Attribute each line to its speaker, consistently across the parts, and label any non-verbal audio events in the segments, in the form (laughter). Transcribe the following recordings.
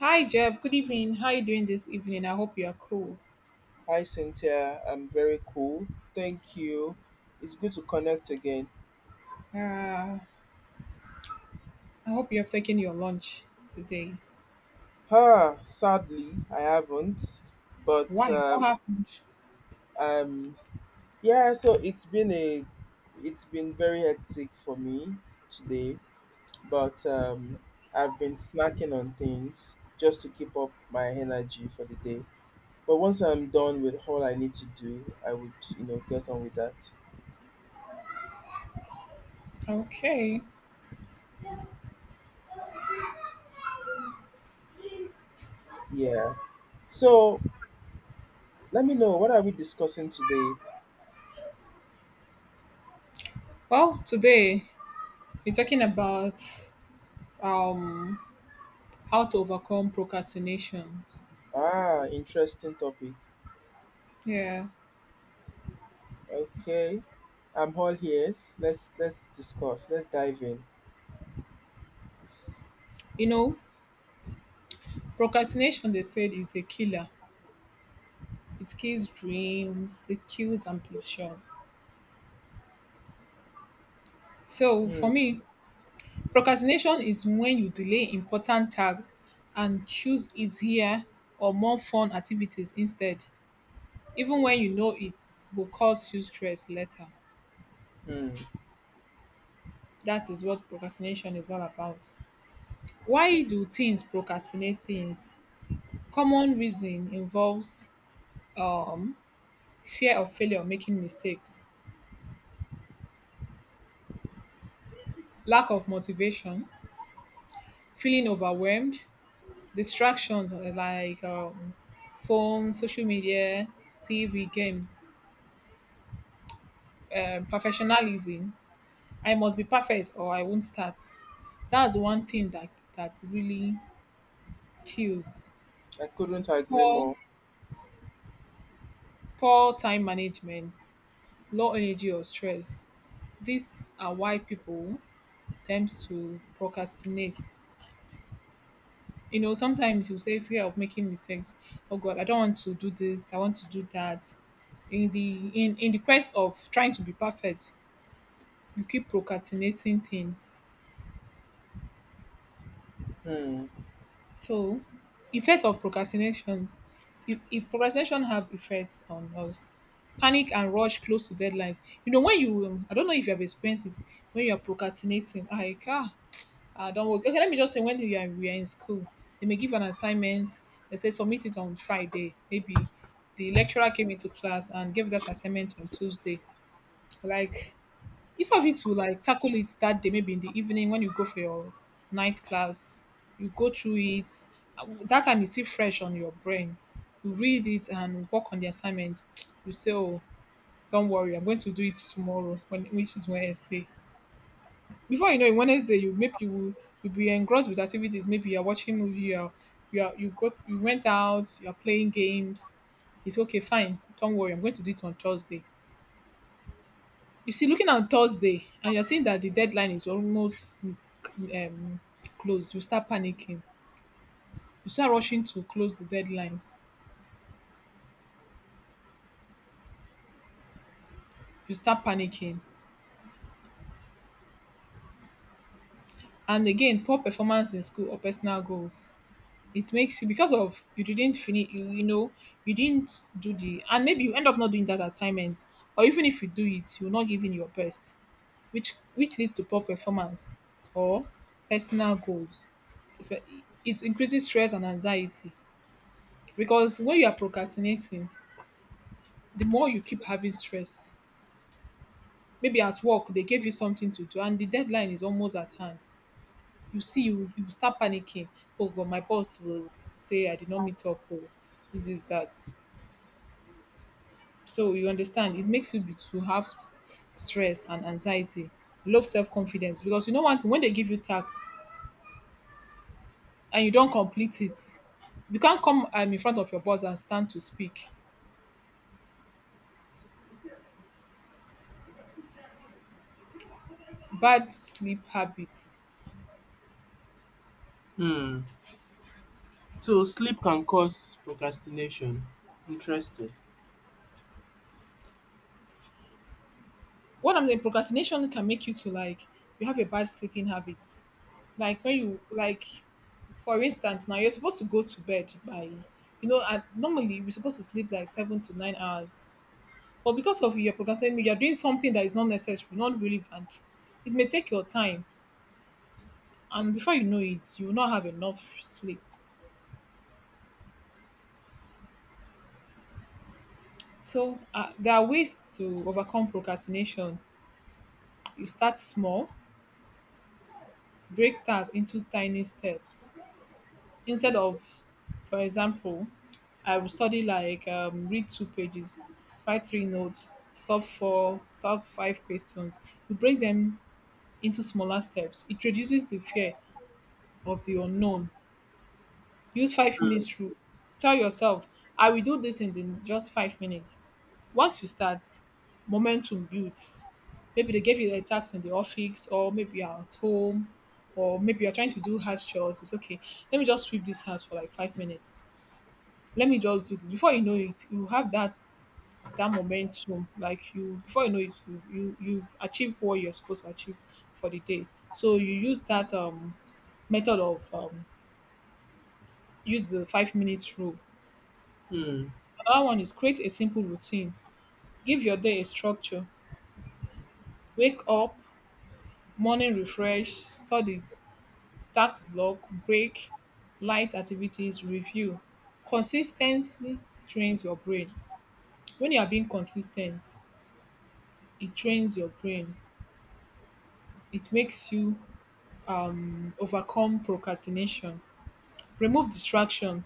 Speaker 1: Hi, Jeff. Good evening. How are you doing this evening? I hope you are cool.
Speaker 2: Hi, Cynthia. I'm very cool. Thank you. It's good to connect again.
Speaker 1: Uh, I hope you have taken your lunch today.
Speaker 2: Sadly, I haven't. But
Speaker 1: Why? What happened?
Speaker 2: um, yeah. So it's been very hectic for me today. But I've been snacking on things just to keep up my energy for the day. But once I'm done with all I need to do, I would, get on with that.
Speaker 1: Okay.
Speaker 2: Yeah. So let me know, what are we discussing today?
Speaker 1: Well, today we're talking about um how to overcome procrastination.
Speaker 2: Ah, interesting topic.
Speaker 1: Yeah.
Speaker 2: Okay, I'm all ears. Let's discuss. Let's dive in.
Speaker 1: You know, procrastination they said is a killer. It kills dreams, it kills ambitions. So
Speaker 2: Hmm.
Speaker 1: for me, procrastination is when you delay important tasks and choose easier or more fun activities instead, even when you know it will cause you stress later.
Speaker 2: Hmm.
Speaker 1: That is what procrastination is all about. Why do teens procrastinate things? Common reason involves um, fear of failure or making mistakes, lack of motivation, feeling overwhelmed, distractions like phone, social media, TV, games, professionalism. I must be perfect or I won't start. That's one thing that that really kills.
Speaker 2: I couldn't agree
Speaker 1: Poor
Speaker 2: more.
Speaker 1: poor time management, low energy or stress. These are why people tend to procrastinate. You know, sometimes you say fear of making mistakes. Oh God, I don't want to do this. I want to do that. In the in the quest of trying to be perfect, you keep procrastinating things.
Speaker 2: Hmm.
Speaker 1: So, effects of procrastinations. If procrastination have effects on us, panic and rush close to deadlines. You know, when you, I don't know if you have experienced it, when you are procrastinating, like, ah, I don't work. Okay, let me just say, when you we are in school, they may give an assignment, they say submit it on Friday. Maybe the lecturer came into class and gave that assignment on Tuesday. Like, it's of you to like tackle it that day, maybe in the evening when you go for your night class, you go through it. That time it's still fresh on your brain. You read it and work on the assignment. (tsk) You say, "Oh, don't worry, I'm going to do it tomorrow," when which is Wednesday. Before you know it, Wednesday you maybe you will you'll be engrossed with activities. Maybe you're watching movie. You're, you are you got you went out. You're playing games. It's okay, fine. Don't worry, I'm going to do it on Thursday. You see, looking at Thursday, and you're seeing that the deadline is almost closed, you start panicking. You start rushing to close the deadlines. You start panicking. And again, poor performance in school or personal goals. It makes you because of you didn't finish, you know, you didn't do and maybe you end up not doing that assignment, or even if you do it, you're not giving your best, which leads to poor performance or personal goals. It's, it increases stress and anxiety. Because when you are procrastinating, the more you keep having stress. Maybe at work they gave you something to do and the deadline is almost at hand. You see, you start panicking. Oh God, my boss will say I did not meet up. Oh, this is that. So you understand, it makes you to have stress and anxiety, low self confidence. Because you know one thing, when they give you tasks and you don't complete it, you can't come in front of your boss and stand to speak. Bad sleep habits.
Speaker 2: Hmm. So sleep can cause procrastination. Interesting.
Speaker 1: What I'm saying, procrastination can make you to like you have a bad sleeping habit. Like when you like, for instance, now you're supposed to go to bed by, you know, and normally we're supposed to sleep like 7 to 9 hours. But because of your procrastinating, you're doing something that is not necessary, not relevant. It may take your time, and before you know it, you will not have enough sleep. So there are ways to overcome procrastination. You start small, break tasks into tiny steps. Instead of, for example, I will study like read two pages, write three notes, solve five questions. You break them into smaller steps. It reduces the fear of the unknown. Use 5 minutes rule. Tell yourself, I will do this just 5 minutes. Once you start, momentum builds. Maybe they gave you a task in the office, or maybe you're at home, or maybe you're trying to do house chores. It's okay. Let me just sweep this house for like 5 minutes, let me just do this. Before you know it, you have that momentum. Like you before you know it, you you've achieved what you're supposed to achieve for the day. So you use that method of use the 5 minutes rule.
Speaker 2: Hmm.
Speaker 1: Another one is create a simple routine. Give your day a structure. Wake up, morning refresh, study, tax block, break, light activities, review. Consistency trains your brain. When you are being consistent, it trains your brain. It makes you overcome procrastination. Remove distraction.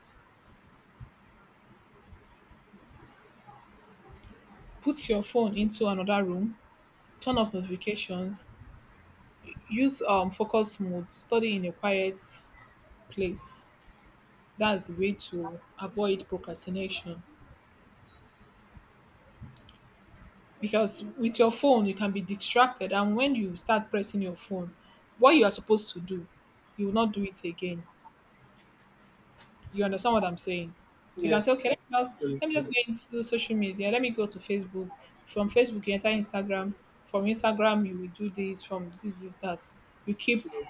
Speaker 1: Put your phone into another room. Turn off notifications. Use focus mode. Study in a quiet place. That's the way to avoid procrastination. Because with your phone, you can be distracted, and when you start pressing your phone, what you are supposed to do, you will not do it again. You understand what I'm saying? You can say,
Speaker 2: Yes,
Speaker 1: okay, let me
Speaker 2: absolutely.
Speaker 1: just go into social media. Let me go to Facebook. From Facebook, you enter Instagram. From Instagram, you will do this, from this, this, that. You keep
Speaker 2: True.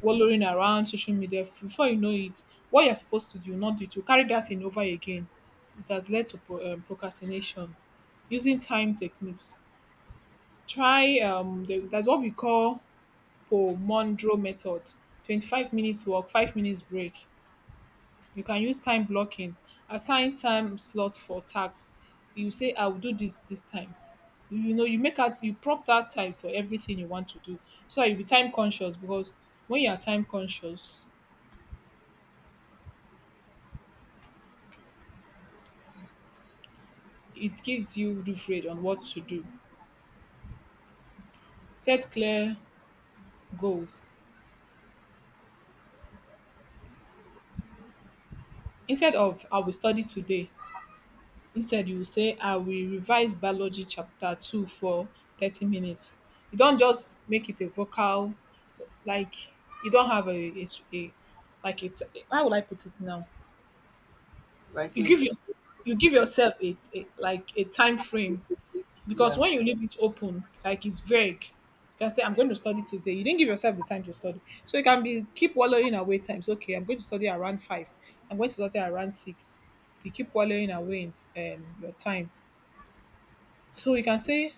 Speaker 1: wallowing around social media. Before you know it, what you're supposed to do, not do, to carry that thing over again. It has led to procrastination. Using time techniques. Try, that's what we call Pomodoro method. 25 minutes walk, 5 minutes break. You can use time blocking. Assign time slot for tasks. You say, I will do this this time. You know, you make out, you prompt out times for everything you want to do. So that you'll be time conscious because when you are time conscious, it gives you leverage on what to do. Set clear goals. Instead of, I will study today, instead you say, "I will revise biology chapter 2 for 30 minutes." You don't just make it a vocal, like you don't have a like it, how would I put it now?
Speaker 2: Like
Speaker 1: You
Speaker 2: if
Speaker 1: you give yourself a like a time frame,
Speaker 2: specific,
Speaker 1: because
Speaker 2: yeah.
Speaker 1: when you leave it open like it's vague, you can say I'm going to study today. You didn't give yourself the time to study, so you can be keep wallowing away times. Okay, I'm going to study around five, I'm going to study around six. You keep wallowing away in your time. So you can say,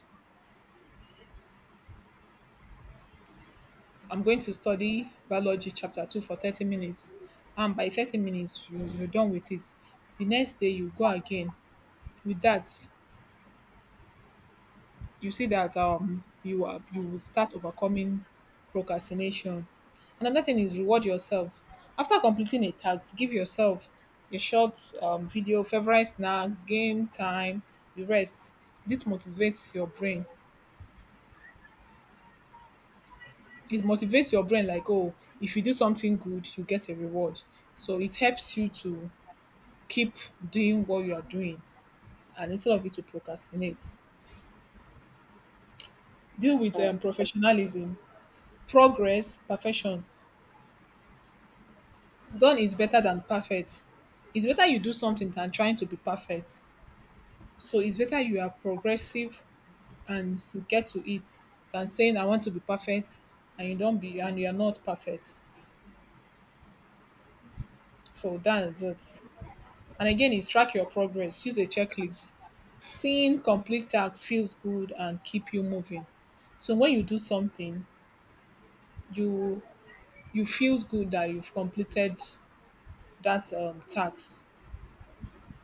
Speaker 1: I'm going to study biology chapter 2 for 30 minutes. And by 30 minutes, you're done with it. The next day, you go again. With that, you see that you will start overcoming procrastination. Another thing is reward yourself. After completing a task, give yourself a short video, favorite snack, game time, the rest. This motivates your brain. It motivates your brain like, oh, if you do something good, you get a reward. So it helps you to keep doing what you are doing and instead of it to procrastinate. Deal with
Speaker 2: uh,
Speaker 1: professionalism, progress, perfection. Done is better than perfect. It's better you do something than trying to be perfect. So it's better you are progressive and you get to it than saying I want to be perfect, and you don't be and you are not perfect. So that's it. And again, is track your progress. Use a checklist. Seeing complete tasks feels good and keep you moving. So when you do something, you you feels good that you've completed that task.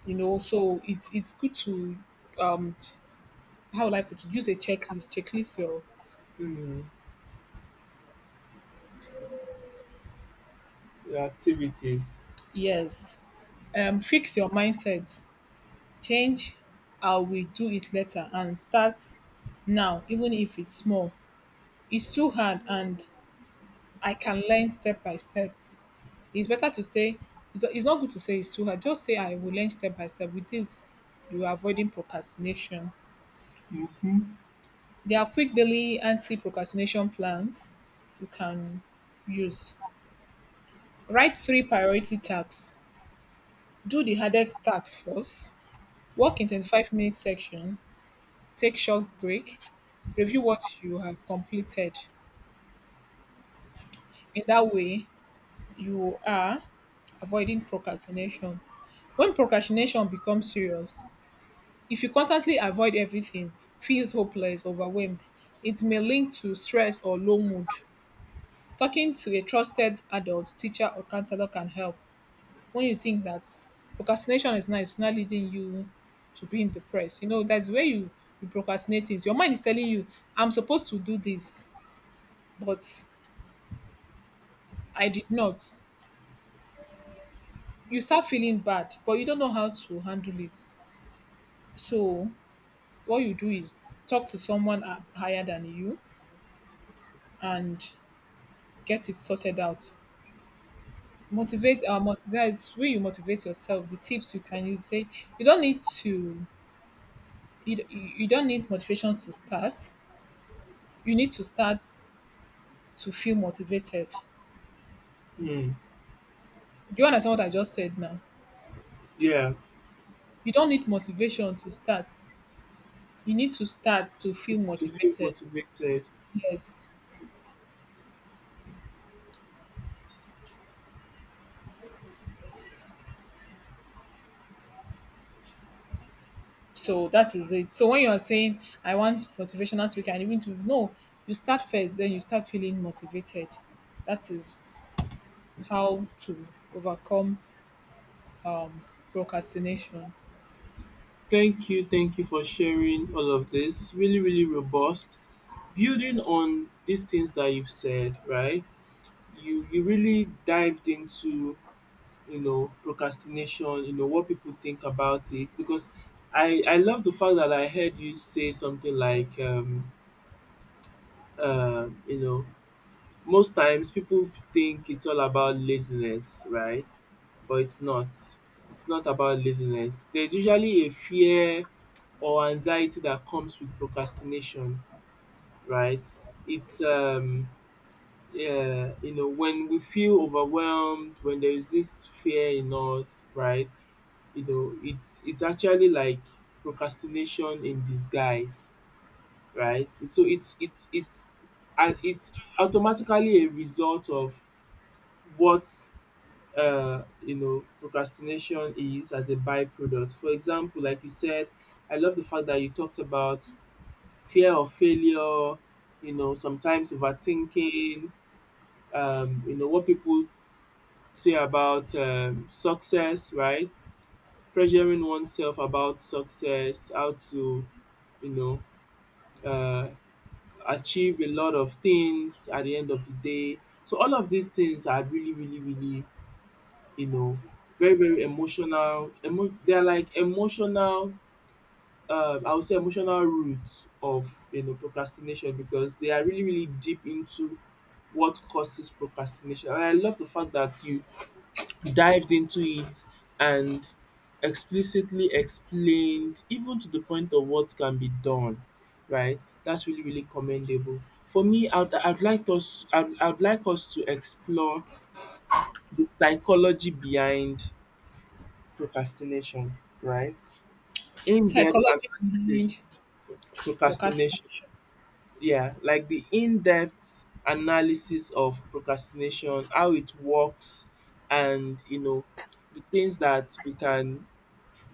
Speaker 1: You know, so it's good to um, how would I put it? Use a checklist. Checklist your
Speaker 2: Hmm. Your activities.
Speaker 1: yes. Fix your mindset. Change how we do it later and start now, even if it's small. It's too hard and I can learn step by step. It's better to say it's not good to say it's too hard. Just say I will learn step by step. With this, you are avoiding procrastination.
Speaker 2: Hmm.
Speaker 1: There are quick daily anti-procrastination plans you can use. Write three priority tasks. Do the hardest task first. Work in 25-minute section. Take short break. Review what you have completed. In that way, you are avoiding procrastination. When procrastination becomes serious, if you constantly avoid everything, feels hopeless, overwhelmed, it may link to stress or low mood. Talking to a trusted adult, teacher, or counselor can help when you think that procrastination is not, it's not leading you to being depressed. You know, that's where you procrastinate things. Your mind is telling you, I'm supposed to do this, but I did not. You start feeling bad, but you don't know how to handle it. So, what you do is talk to someone up higher than you and get it sorted out. That is where you motivate yourself. The tips you can use say you don't need to you don't need motivation to start. You need to start to feel motivated.
Speaker 2: Hmm.
Speaker 1: Do you understand what I just said now?
Speaker 2: Yeah.
Speaker 1: You don't need motivation to start. You need to start to feel
Speaker 2: To feel
Speaker 1: motivated.
Speaker 2: motivated.
Speaker 1: Yes. So that is it. So when you are saying I want motivational speaker, and even to no, you start first, then you start feeling motivated. That is how to overcome procrastination.
Speaker 2: Thank you for sharing all of this. Really, really robust. Building on these things that you've said, right? You really dived into, you know, procrastination. You know what people think about it, because I love the fact that I heard you say something like you know, most times people think it's all about laziness, right? But it's not. It's not about laziness. There's usually a fear or anxiety that comes with procrastination, right? It's um yeah, you know, when we feel overwhelmed, when there is this fear in us, right? You know, it's actually like procrastination in disguise, right? So it's automatically a result of what, you know, procrastination is, as a byproduct. For example, like you said, I love the fact that you talked about fear of failure, you know, sometimes overthinking, you know, what people say about success, right? Pressuring oneself about success, how to, you know, uh, achieve a lot of things at the end of the day. So all of these things are really, really, really, you know, very, very emotional. They're like emotional, I would say, emotional roots of, you know, procrastination, because they are really really deep into what causes procrastination. And I love the fact that you dived into it and explicitly explained, even to the point of what can be done, right? That's really really commendable. For me, I'd like us to explore the psychology behind procrastination, right? In-depth
Speaker 1: Psychology
Speaker 2: analysis.
Speaker 1: behind
Speaker 2: Procrastination.
Speaker 1: procrastination.
Speaker 2: Yeah, like the in-depth analysis of procrastination, how it works, and, you know, the things that we can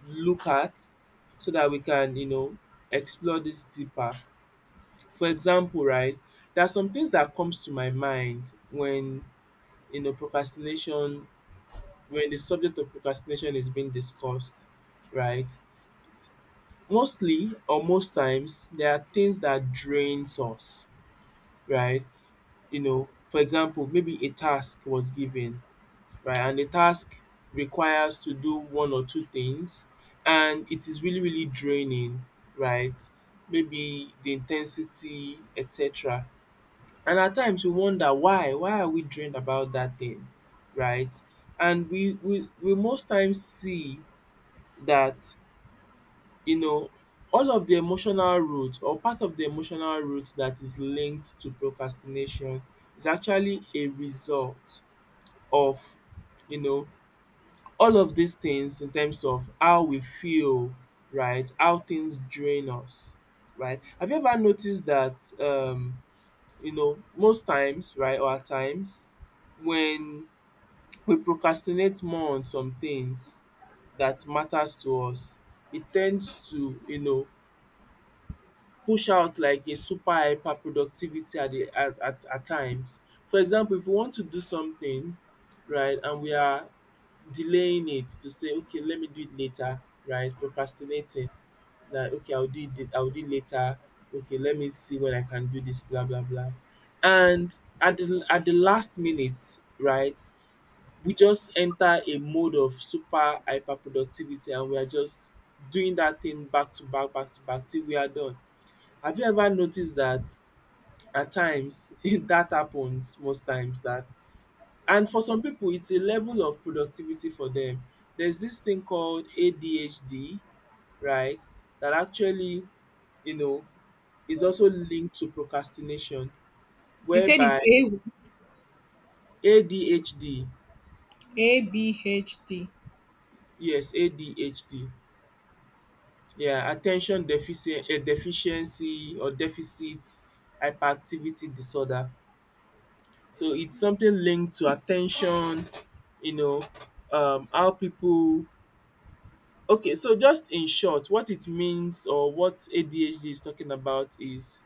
Speaker 2: look at so that we can, you know, explore this deeper. For example, right, there are some things that comes to my mind when, you know, procrastination, when the subject of procrastination is being discussed, right? Mostly or most times, there are things that drains us, right? You know, for example, maybe a task was given, right, and the task requires to do one or two things, and it is really really draining, right, maybe the intensity, ten sity, etc. And at times we wonder why, are we drained about that thing, right? And we most times see that, you know, all of the emotional root, or part of the emotional root that is linked to procrastination, is actually a result of, you know, all of these things in terms of how we feel, right? How things drain us, right? Have you ever noticed that, you know, most times, right, or at times, when we procrastinate more on some things that matters to us, it tends to, you know, push out like a super hyper productivity at the at times. For example, if we want to do something, right, and we are delaying it, to say, okay, let me do it later, right, procrastinating that, okay, I will do it later, okay, let me see when I can do this, blah blah blah. And at the, last minute, right, we just enter a mode of super hyper productivity, and we are just doing that thing back to back, till we are done. Have you ever noticed that at times (laughs) that happens most times, that, and for some people, it's a level of productivity for them. There's this thing called ADHD, right? That actually, you know, is also linked to procrastination,
Speaker 1: He said
Speaker 2: whereby
Speaker 1: it's A what?
Speaker 2: ADHD,
Speaker 1: ABHD.
Speaker 2: yes, ADHD, yeah, attention deficit eh, deficiency or deficit hyperactivity disorder. So it's something linked to attention, you know, how people. Okay, so just in short, what it means, or what ADHD is talking about, is,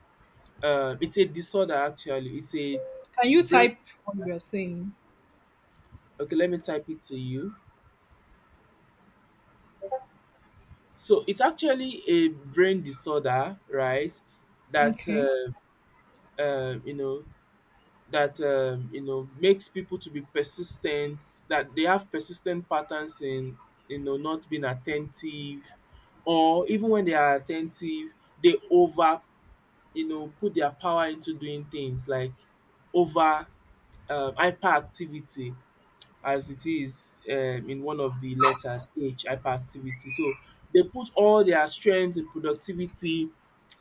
Speaker 2: it's a disorder actually. It's a
Speaker 1: Can you
Speaker 2: brain.
Speaker 1: type what we are saying?
Speaker 2: Okay, let me type it to you. So it's actually a brain disorder, right? That
Speaker 1: Okay.
Speaker 2: You know, that you know, makes people to be persistent, that they have persistent patterns in, you know, not being attentive, or even when they are attentive, they over, you know, put their power into doing things, like over, hyperactivity, as it is, in one of the letters, H, hyperactivity. So they put all their strength in productivity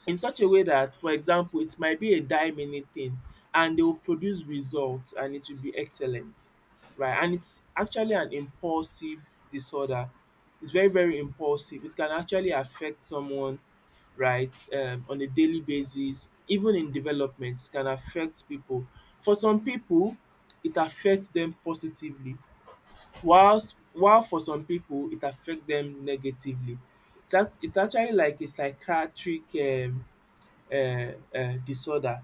Speaker 2: in such a way that, for example, it might be a dime anything, and they will produce results and it will be excellent. Right. And it's actually an impulsive disorder. It's very, very impulsive. It can actually affect someone, right, on a daily basis, even in development, it can affect people. For some people, it affects them positively. Whilst while for some people it affect them negatively. It's actually like a psychiatric disorder,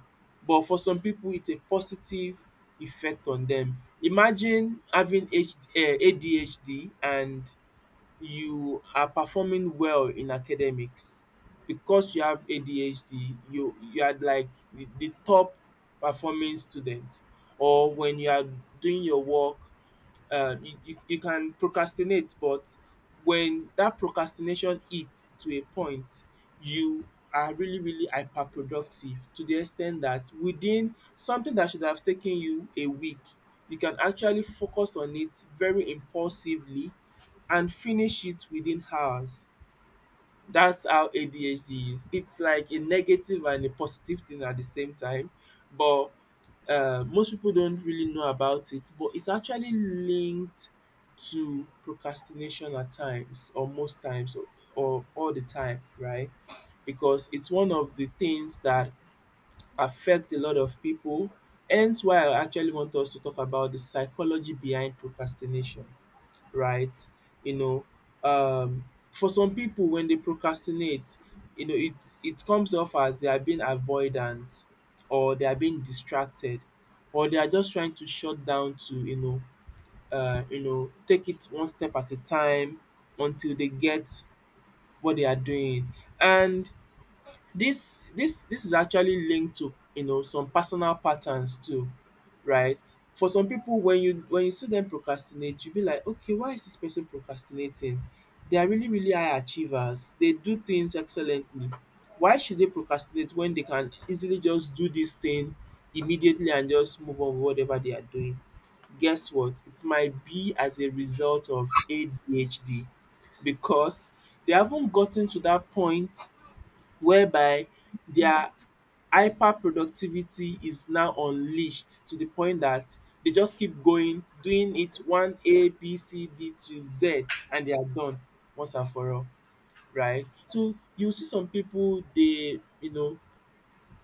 Speaker 2: but for some people, it's a positive effect on them. Imagine having H ADHD and you are performing well in academics, because you have ADHD, you are like the top performing student, or when you are doing your work, you can procrastinate, but when that procrastination hits to a point, you are really, really hyperproductive, to the extent that within something that should have taken you a week, you can actually focus on it very impulsively and finish it within hours. That's how ADHD is. It's like a negative and a positive thing at the same time, but most people don't really know about it, but it's actually linked to procrastination at times, or most times, or all the time, right? Because it's one of the things that affect a lot of people. Hence why I actually want us to talk about the psychology behind procrastination, right? You know, um, for some people, when they procrastinate, you know, it comes off as they are being avoidant, or they are being distracted, or they are just trying to shut down to, you know, take it one step at a time until they get what they are doing. And this is actually linked to, you know, some personal patterns too, right? For some people, when you, when you see them procrastinate, you be like, okay, why is this person procrastinating? They are really really high achievers, they do things excellently. Why should they procrastinate when they can easily just do this thing immediately and just move on with whatever they are doing? Guess what? It might be as a result of ADHD, because they haven't gotten to that point whereby their hyperproductivity is now unleashed to the point that they just keep going, doing it one A, B, C, D to Z, and they are done once and for all, right? So you see some people, they, you know,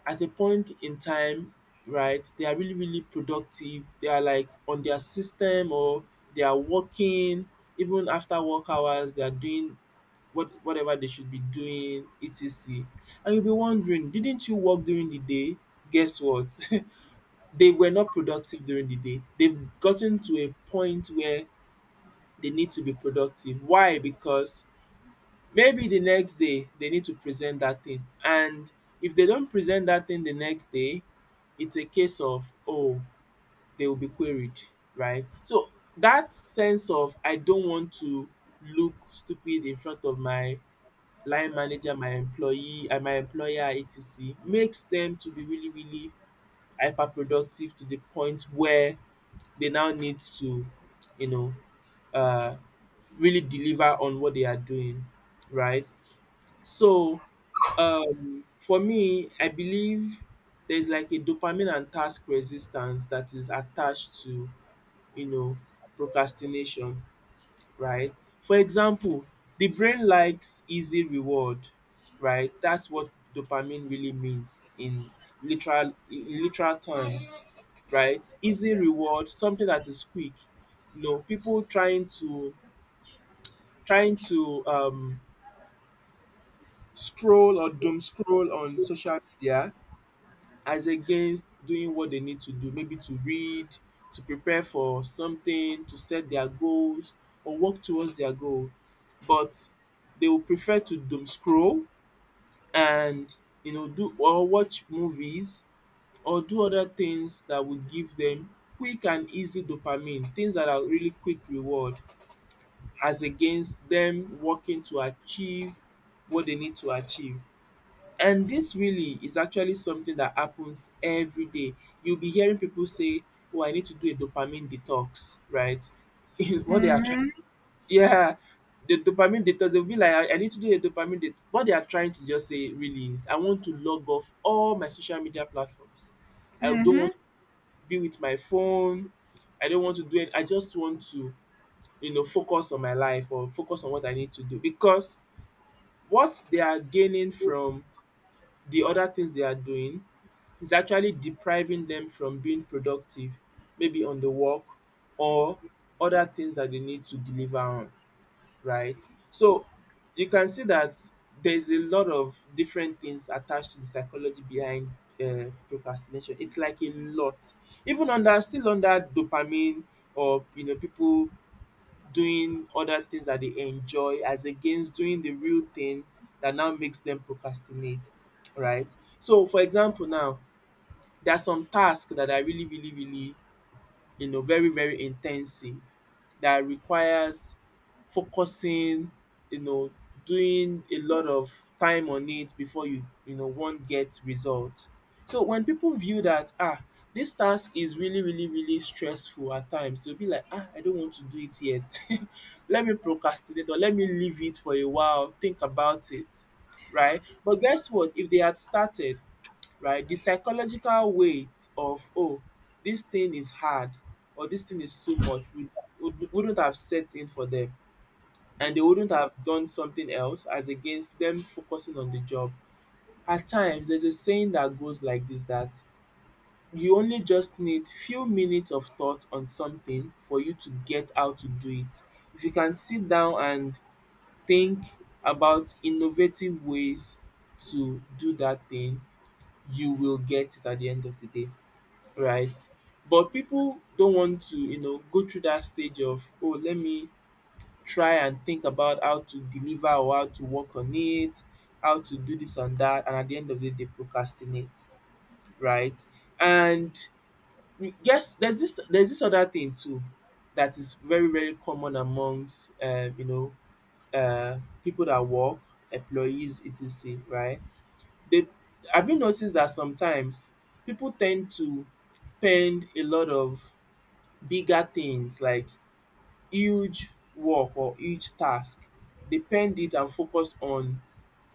Speaker 2: at a point in time, right, they are really, really productive. They are like on their system, or they are working even after work hours, they are doing whatever they should be doing, etc. And you'll be wondering, didn't you work during the day? Guess what? (laughs) They were not productive during the day. They've gotten to a point where they need to be productive. Why? Because maybe the next day they need to present that thing. And if they don't present that thing the next day, it's a case of, oh, they will be queried, right? So that sense of, I don't want to look stupid in front of my line manager, my employee, and my employer, etc., makes them to be really really hyper productive to the point where they now need to, you know, uh, really deliver on what they are doing, right? So for me, I believe there's like a dopamine and task resistance that is attached to, you know, procrastination, right? For example, the brain likes easy reward, right? That's what dopamine really means in literal terms, right? Easy reward, something that is quick. You know, people trying to scroll or doom scroll on social media as against doing what they need to do, maybe to read, to prepare for something, to set their goals or work towards their goal. But they will prefer to doom scroll and do or watch movies or do other things that will give them quick and easy dopamine, things that are really quick reward as against them working to achieve what they need to achieve. And this really is actually something that happens every day. You'll be hearing people say, "Oh, I need to do a dopamine detox," right? (laughs) What they are trying, yeah, the dopamine detox. They'll be like, "I need to do a dopamine detox." What they are trying to just say really is, "I want to log off all my social media platforms. I don't
Speaker 1: Mm-hmm.
Speaker 2: want to be with my phone. I don't want to do it. I just want to, focus on my life or focus on what I need to do." Because what they are gaining from the other things they are doing is actually depriving them from being productive, maybe on the work or other things that they need to deliver on, right? So you can see that there's a lot of different things attached to the psychology behind procrastination. It's like a lot, even under, still under dopamine, or people doing other things that they enjoy as against doing the real thing that now makes them procrastinate, right? So for example now, there are some tasks that are really really really, very very intensive, that requires focusing, you know doing a lot of time on it before you you know wan get result. So when people view that, this task is really really really stressful, at times they will be like, I don't want to do it yet. (laughs) Let me procrastinate or let me leave it for a while, think about it, right? But guess what, if they had started, right? The psychological weight of, oh, this thing is hard or this thing is too much, wouldn't have set in for them, and they wouldn't have done something else as against them focusing on the job. At times, there's a saying that goes like this, that you only just need few minutes of thought on something for you to get how to do it. If you can sit down and think about innovative ways to do that thing, you will get it at the end of the day, right? But people don't want to, go through that stage of, oh, let me try and think about how to deliver or how to work on it, how to do this and that, and at the end of the day, they procrastinate, right? And yes, there's this other thing too, that is very very common amongst people that work, employees etc. Right? They, have you noticed that sometimes people tend to spend a lot of bigger things like huge work or huge task, depend it and focus on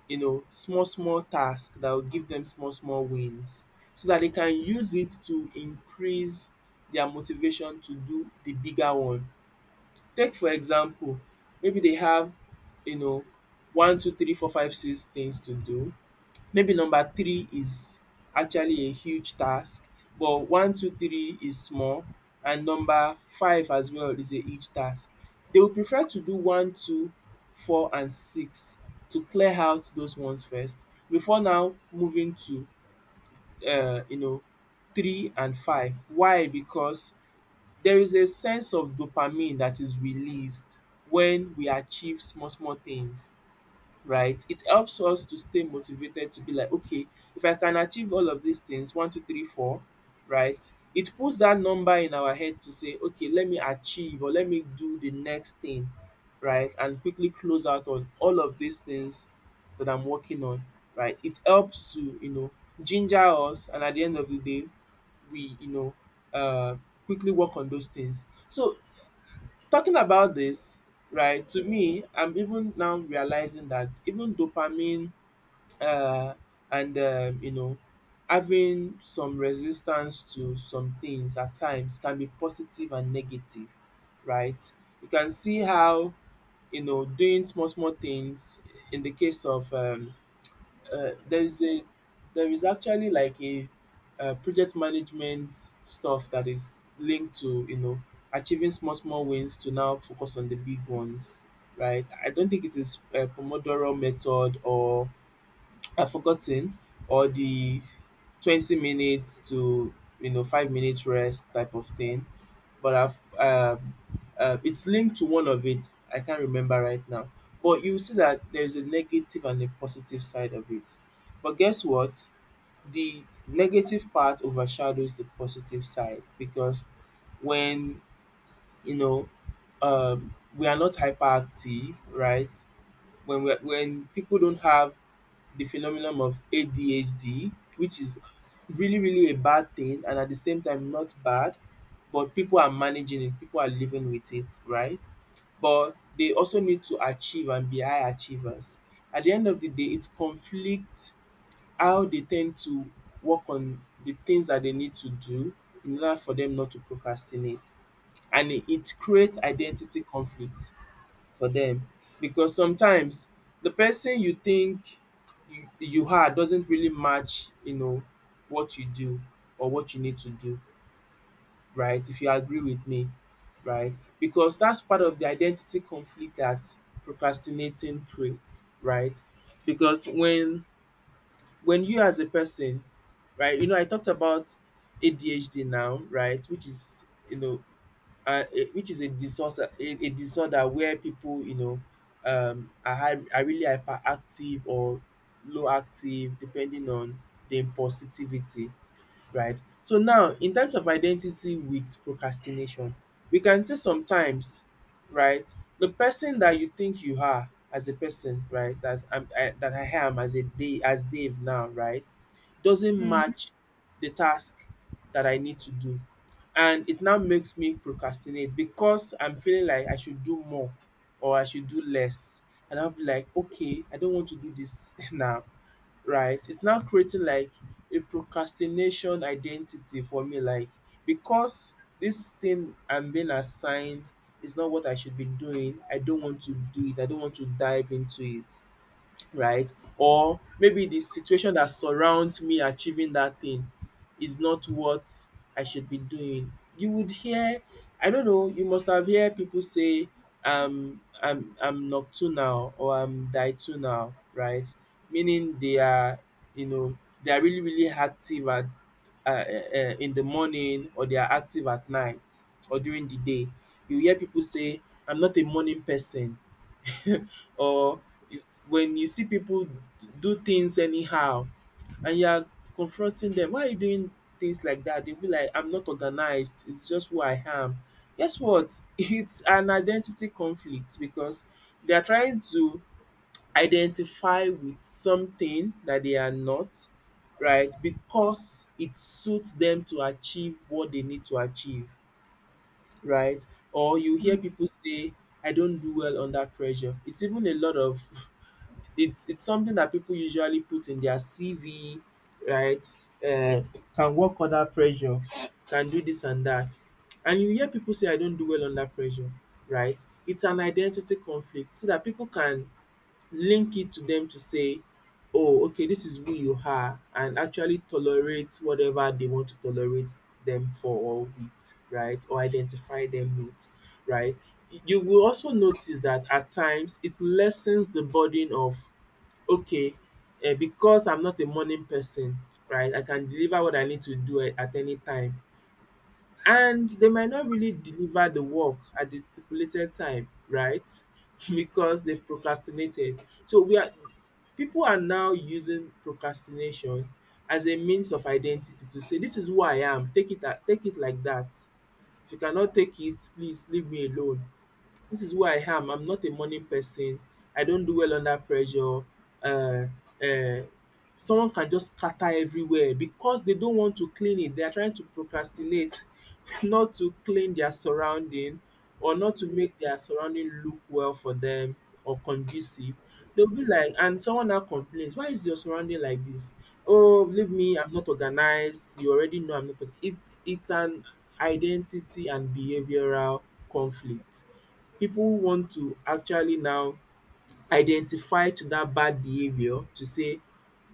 Speaker 2: small small task that will give them small small wins, so that they can use it to increase their motivation to do the bigger one. Take for example, maybe they have you know one two three four five six things to do. Maybe number three is actually a huge task, but one, two, three is small, and number five as well is a huge task. They would prefer to do one, two, four and six, to clear out those ones first before now moving to uh, you know three and five. Why? Because there is a sense of dopamine that is released when we achieve small small things, right? It helps us to stay motivated, to be like, okay, if I can achieve all of these things, one, two, three, four, right? It puts that number in our head to say, okay, let me achieve or let me do the next thing, right? And quickly close out on all of these things that I'm working on, right? It helps to, ginger us. And at the end of the day, we, uh, quickly work on those things. So, talking about this, right, to me, I'm even now realizing that even dopamine, uh, and having some resistance to some things at times can be positive and negative, right? You can see how, doing small small things, in the case of, there is a, there is actually like a, project management stuff that is linked to, achieving small small wins to now focus on the big ones, right? I don't think it is a Pomodoro method, or I've forgotten, or the 20 minutes to, 5 minutes rest type of thing. But I've um, it's linked to one of it. I can't remember right now. But you see that there's a negative and a positive side of it. But guess what? The negative part overshadows the positive side because when, you know we are not hyperactive, right? When people don't have the phenomenon of ADHD, which is really, really a bad thing and at the same time not bad, but people are managing it, people are living with it, right? But they also need to achieve and be high achievers. At the end of the day, it conflicts how they tend to work on the things that they need to do in order for them not to procrastinate. And it creates identity conflict for them, because sometimes the person you think you are doesn't really match what you do or what you need to do, right? If you agree with me, right? Because that's part of the identity conflict that procrastinating creates, right? Because when you as a person, right, I talked about ADHD now, right, which is, and a which is a disorder, a disorder where people, are really hyperactive or low active depending on the impulsivity, right? So now in terms of identity with procrastination, we can say sometimes, right, the person that you think you are as a person, right, that I am, as a day as Dave now, right, doesn't match the task that I need to do. And it now makes me procrastinate because I'm feeling like I should do more or I should do less. And I'll be like, okay, I don't want to do this (laughs) now, right? It's now creating like a procrastination identity for me, like, because this thing I'm being assigned is not what I should be doing, I don't want to do it, I don't want to dive into it, right? Or maybe the situation that surrounds me achieving that thing is not what I should be doing. You would hear, I don't know, you must have heard people say, I'm nocturnal or I'm diurnal, right? Meaning they are, you know, really, really active at, in the morning, or they are active at night or during the day. You hear people say, I'm not a morning person. (laughs) Or when you see people do things anyhow, and you are confronting them, why are you doing things like that? They'll be like, I'm not organized. It's just who I am. Guess what? (laughs) It's an identity conflict because they are trying to identify with something that they are not, right? Because it suits them to achieve what they need to achieve, right? Or you hear people say, I don't do well under pressure. It's even a lot of (laughs) it's something that people usually put in their CV, right? Uh, can work under pressure, can do this and that. And you hear people say, I don't do well under pressure, right? It's an identity conflict so that people can link it to them, to say, oh, okay, this is who you are, and actually tolerate whatever they want to tolerate them for or with, right? Or identify them with, right? You will also notice that at times it lessens the burden of. Okay, because I'm not a morning person, right, I can deliver what I need to do at any time, and they might not really deliver the work at the stipulated time, right, (laughs) because they've procrastinated. So we are people are now using procrastination as a means of identity to say this is who I am, take it like that. If you cannot take it, please leave me alone. This is who I am. I'm not a money person. I don't do well under pressure. Uh, uh, someone can just scatter everywhere because they don't want to clean it. They are trying to procrastinate, (laughs) not to clean their surrounding, or not to make their surrounding look well for them or conducive. They'll be like, and someone now complains, why is your surrounding like this? Oh, believe me, I'm not organized. You already know I'm not. It's an identity and behavioral conflict. People want to actually now identify to that bad behavior to say,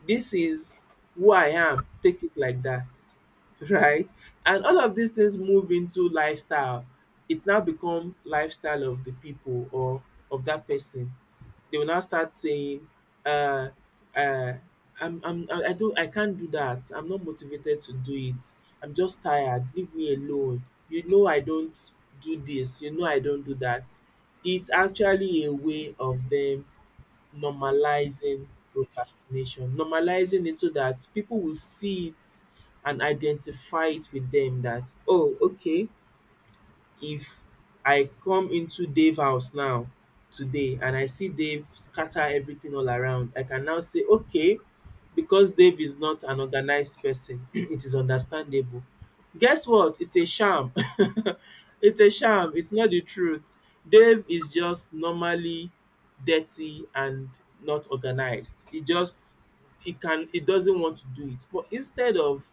Speaker 2: this is who I am, take it like that, (laughs) right? And all of these things move into lifestyle. It's now become lifestyle of the people or of that person. They will now start saying, uh, uh, I can't do that. I'm not motivated to do it. I'm just tired. Leave me alone. You know I don't do this. You know I don't do that. It's actually a way of them normalizing procrastination, normalizing it so that people will see it and identify it with them that, oh, okay, if I come into Dave house now today and I see Dave scatter everything all around, I can now say, okay, because Dave is not an organized person, (clears throat) it is understandable. Guess what? It's a sham. (laughs) It's a sham. It's not the truth. Dave is just normally dirty and not organized. He just he can he doesn't want to do it. But instead of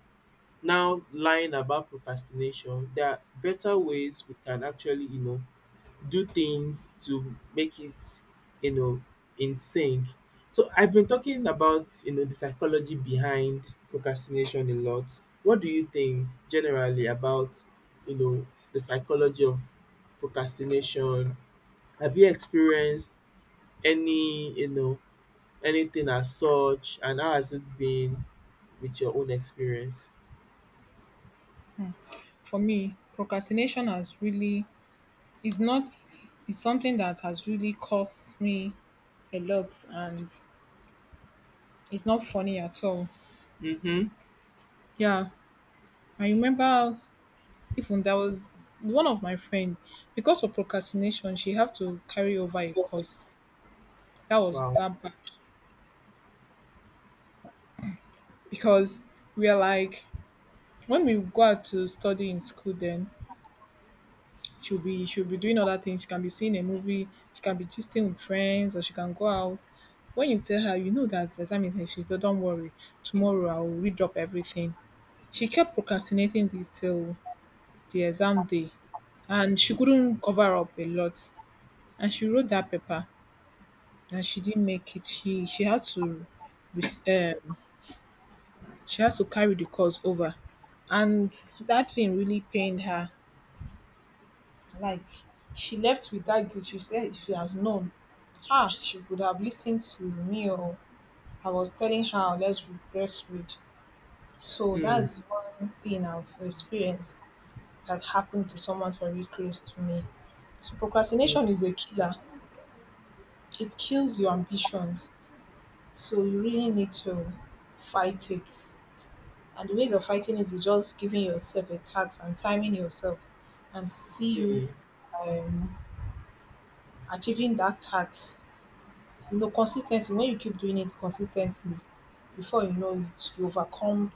Speaker 2: now lying about procrastination, there are better ways we can actually, you know, do things to make it, you know, in sync. So I've been talking about, you know, the psychology behind procrastination a lot. What do you think generally about, you know, the psychology of procrastination? Have you experienced any, anything as such and how has it been with your own experience?
Speaker 1: For me, procrastination has really is not is something that has really cost me a lot, and it's not funny at all.
Speaker 2: Mm-hmm.
Speaker 1: Yeah. I remember, even there was one of my friend, because of procrastination she had to carry over a course. That was
Speaker 2: Wow.
Speaker 1: that bad. Because we are like, when we go out to study in school, then she'll be doing other things. She can be seeing a movie, she can be gisting with friends, or she can go out. When you tell her, that the exam is next, she said, don't worry, tomorrow I'll read up everything. She kept procrastinating this till the exam day, and she couldn't cover up a lot. And she wrote that paper, and she didn't make it. She she had to res- um she has to carry the cost over. And that thing really pained her. Like, she left with that guilt. She said if she had known, she would have listened to me, or I was telling her, let's breastfeed. So
Speaker 2: Mm.
Speaker 1: that's one thing I've experienced, that happened to someone very close to me. So procrastination is a killer. It kills your ambitions. So you really need to fight it. And the ways of fighting it is just giving yourself a task and timing yourself and see you,
Speaker 2: Mhm.
Speaker 1: um, achieving that task. You know, consistency, when you keep doing it consistently, before you know it, you overcome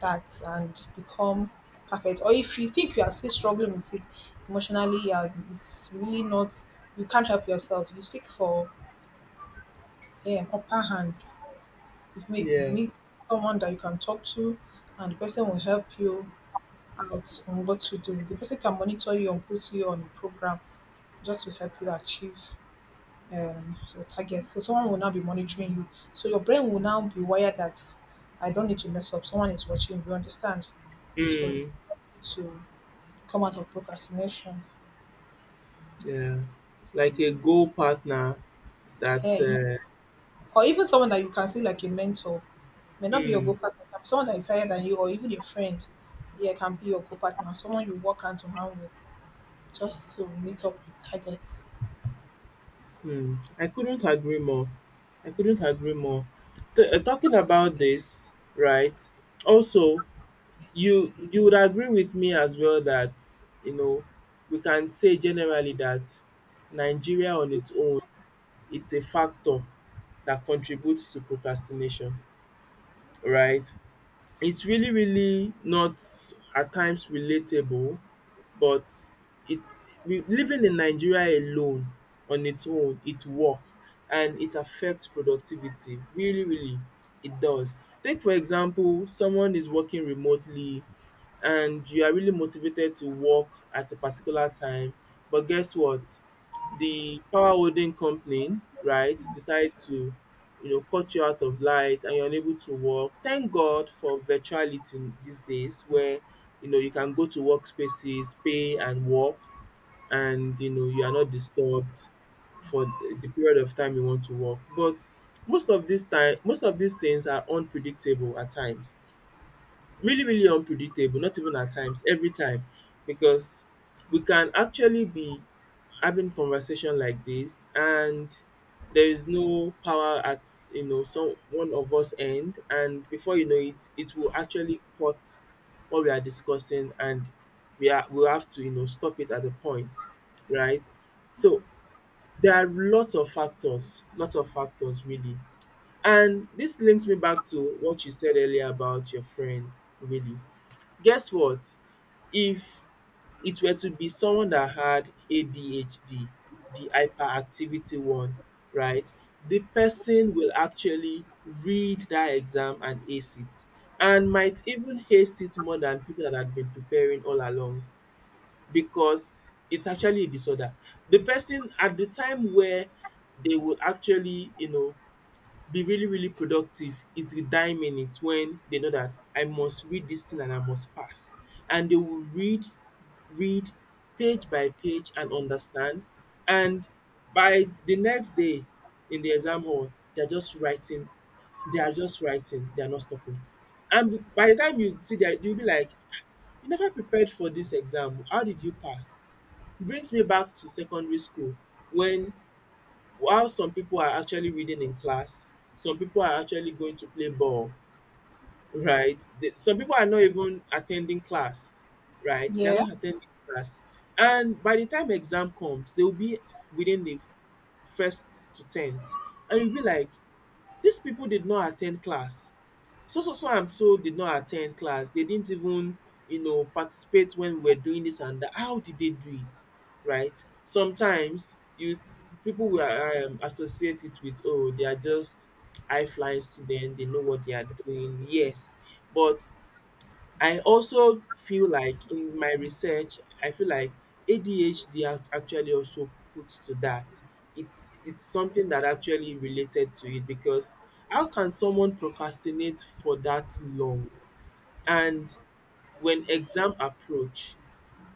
Speaker 1: that and become perfect. Or if you think you are still struggling with it emotionally, it's really not, you can't help yourself. You seek for, upper hands. It may be
Speaker 2: Yeah,
Speaker 1: meet someone that you can talk to, and the person will help you out on what to do. The person can monitor you and put you on a program just to help you achieve, your target. So someone will now be monitoring you. So your brain will now be wired that I don't need to mess up. Someone is watching. You understand? So it's
Speaker 2: mm,
Speaker 1: to come out of procrastination.
Speaker 2: yeah. Like a goal partner that
Speaker 1: Yeah, yes. Or even someone that you can see like a mentor, may not be your go
Speaker 2: mm.
Speaker 1: partner. Can be someone that is higher than you, or even a friend. Yeah, can be your co partner. Someone you work hand to hand with, just to meet up with targets.
Speaker 2: Hmm. I couldn't agree more. I couldn't agree more. Talking about this, right? Also, you would agree with me as well that you know we can say generally that Nigeria on its own, it's a factor that contributes to procrastination, right? It's really, really not at times relatable, but it's we living in Nigeria alone on its own, it's work and it affects productivity. Really, really, it does. Take for example, someone is working remotely and you are really motivated to work at a particular time, but guess what? The power holding company, right, decide to you know cut you out of light and you're unable to work. Thank God for virtuality these days where you know you can go to workspaces, pay and work and you know you are not disturbed for the period of time you want to work. But most of this time, most of these things are unpredictable at times, really really unpredictable, not even at times, every time, because we can actually be having conversation like this and there is no power at you know some one of us end, and before you know it, it will actually cut what we are discussing and we have to you know stop it at a point, right? So there are lots of factors, lots of factors really. And this links me back to what you said earlier about your friend, really. Guess what? If it were to be someone that had ADHD, the hyperactivity one, right, the person will actually read that exam and ace it and might even ace it more than people that had been preparing all along, because it's actually a disorder. The person, at the time where they would actually, you know, be really really productive, is the dying minute when they know that I must read this thing and I must pass. And they will read, read page by page and understand. And by the next day in the exam hall, they're just writing, they are just writing, they are not stopping. And by the time you see that, you'll be like, you never prepared for this exam. How did you pass? Brings me back to secondary school when while some people are actually reading in class, some people are actually going to play ball, right? Some people are not even attending class, right, they're
Speaker 1: Yeah.
Speaker 2: not attending class, and by the time exam comes, they'll be within the first to tenth, and you'll be like, these people did not attend class. So, so, so and so did not attend class. They didn't even, you know, participate when we were doing this and that. How did they do it? Right? Sometimes you people will associate it with, oh, they are just high flying students, they know what they are doing. Yes. But I also feel like, in my research, I feel like ADHD actually also puts to that. It's something that actually related to it, because how can someone procrastinate for that long? And when exam approach,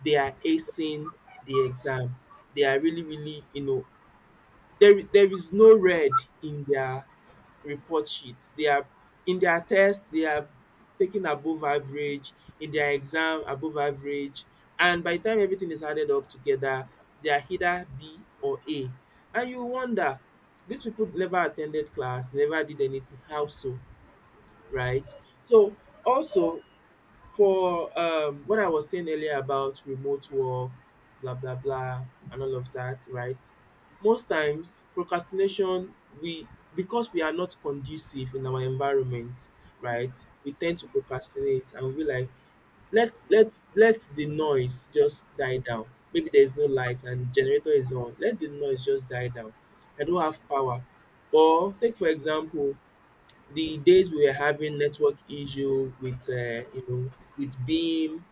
Speaker 2: they are acing the exam. They are really, really, you know, there is no red in their report sheet. They are in their test, they are taking above average, in their exam above average, and by the time everything is added up together, they are either B or A. And you wonder, these people never attended class, never did anything. How so? Right? So also for what I was saying earlier about remote work, blah blah blah, and all of that, right? Most times procrastination, we, because we are not conducive in our environment, right? We tend to procrastinate and we like, let let the noise just die down. Maybe there is no light and generator is on. Let the noise just die down. I don't have power. Or take for example, the days we were having network issue with you know with beam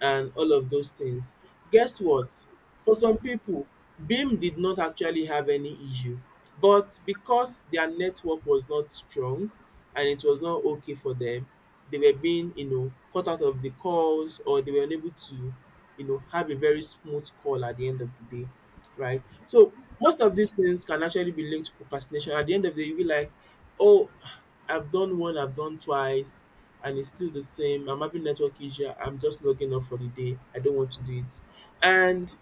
Speaker 2: and all of those things, guess what, for some people beam did not actually have any issue, but because their network was not strong and it was not okay for them, they were being you know cut out of the calls or they were unable to you know have a very smooth call at the end of the day, right? So most of these things can actually be linked to procrastination. At the end of the day, you'll be like, oh, I've done one, I've done twice, and it's still the same. I'm having network issue. I'm just logging off for the day. I don't want to do it. And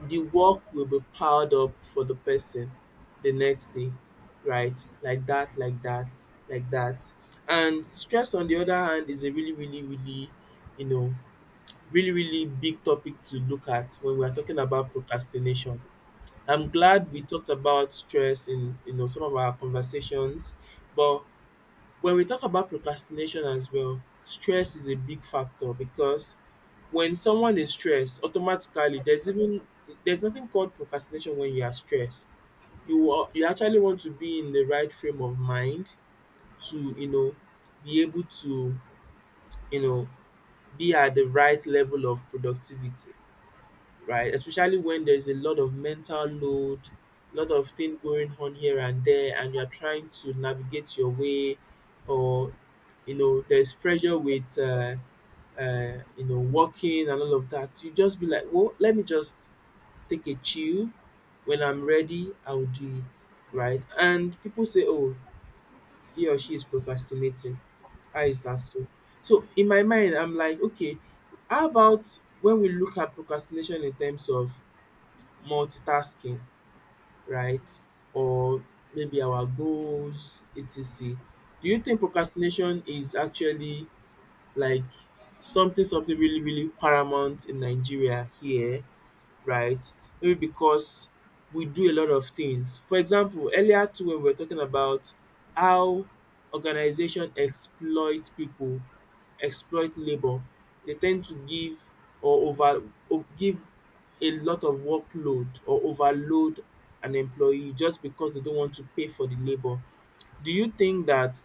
Speaker 2: the work will be piled up for the person the next day, right? Like that, like that, like that. And stress, on the other hand, is a really, really, really, you know, really, really big topic to look at when we are talking about procrastination. I'm glad we talked about stress in you know some of our conversations, but when we talk about procrastination as well, stress is a big factor, because when someone is stressed, automatically there's even, there's nothing called procrastination when you are stressed. You are, you actually want to be in the right frame of mind to you know be able to you know be at the right level of productivity, right? Especially when there's a lot of mental load, lot of things going on here and there, and you're trying to navigate your way, or you know, there's pressure with you know working and all of that. You just be like, well, let me just take a chill. When I'm ready, I'll do it, right? And people say, oh, he or she is procrastinating. How is that so? So in my mind, I'm like, okay, how about when we look at procrastination in terms of multitasking, right? Or maybe our goals, etc. Do you think procrastination is actually like something really really paramount in Nigeria here? Right? Maybe because we do a lot of things. For example, earlier too when we were talking about how organization exploit people, exploit labor, they tend to give or over o give a lot of workload or overload an employee just because they don't want to pay for the labor. Do you think that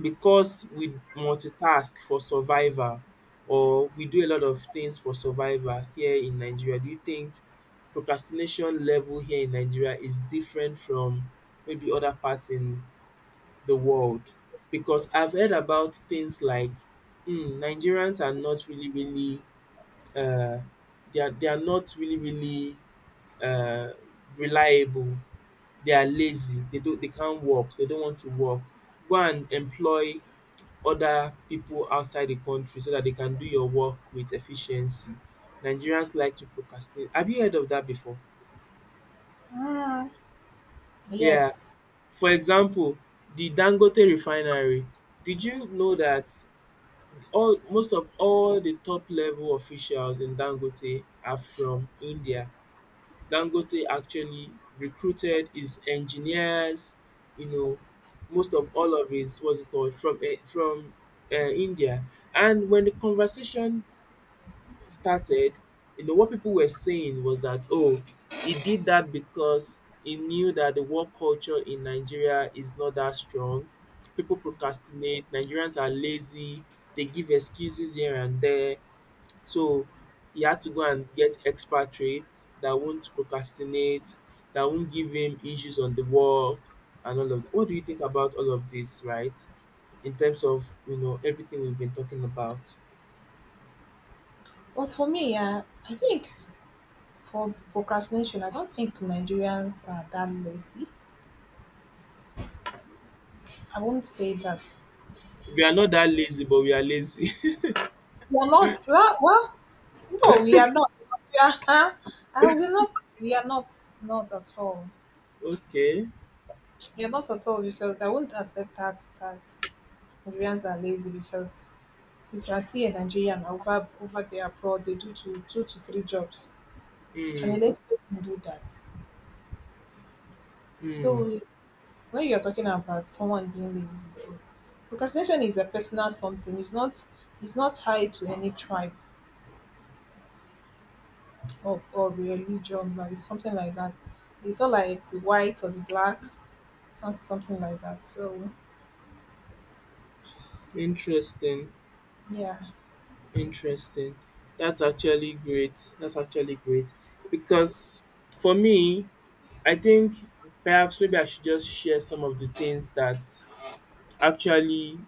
Speaker 2: because we multitask for survival or we do a lot of things for survival here in Nigeria, do you think procrastination level here in Nigeria is different from maybe other parts in the world? Because I've heard about things like mm, Nigerians are not really, really, uh, they are not really, really, uh, reliable. They are lazy. They don't. They can't work. They don't want to work. Go and employ other people outside the country so that they can do your work with efficiency. Nigerians like to procrastinate. Have you heard of that before? Yeah.
Speaker 1: Yes.
Speaker 2: For example, the Dangote refinery. Did you know that all most of all the top level officials in Dangote are from India? Dangote actually recruited his engineers, you know, most of all of his what's it called from India. And when the conversation started, you know, what people were saying was that, oh, he did that because he knew that the work culture in Nigeria is not that strong. People procrastinate, Nigerians are lazy, they give excuses here and there. So he had to go and get expatriates that won't procrastinate, that won't give him issues on the work and all of that. What do you think about all of this, right? In terms of, everything we've been talking about.
Speaker 1: But for me, yeah, I think for procrastination, I don't think Nigerians are that lazy. I won't say that.
Speaker 2: We are not that lazy, but we are lazy. (laughs)
Speaker 1: We are not. That, well, no, we are not. Because we are. (laughs) I will not. Say we are not. Not at all.
Speaker 2: Okay.
Speaker 1: We are not at all, because I won't accept that Nigerians are lazy, because you can see a Nigerian over there abroad, they do two to three jobs. Can
Speaker 2: Hmm.
Speaker 1: a lazy person do that?
Speaker 2: Hmm.
Speaker 1: So when you're talking about someone being lazy, though, procrastination is a personal something. It's not tied to any tribe, or religion, or something like that. It's not like the white or the black, something like that. So
Speaker 2: Interesting.
Speaker 1: yeah.
Speaker 2: Interesting. That's actually great. That's actually great. Because for me, I think perhaps maybe I should just share some of the things that actually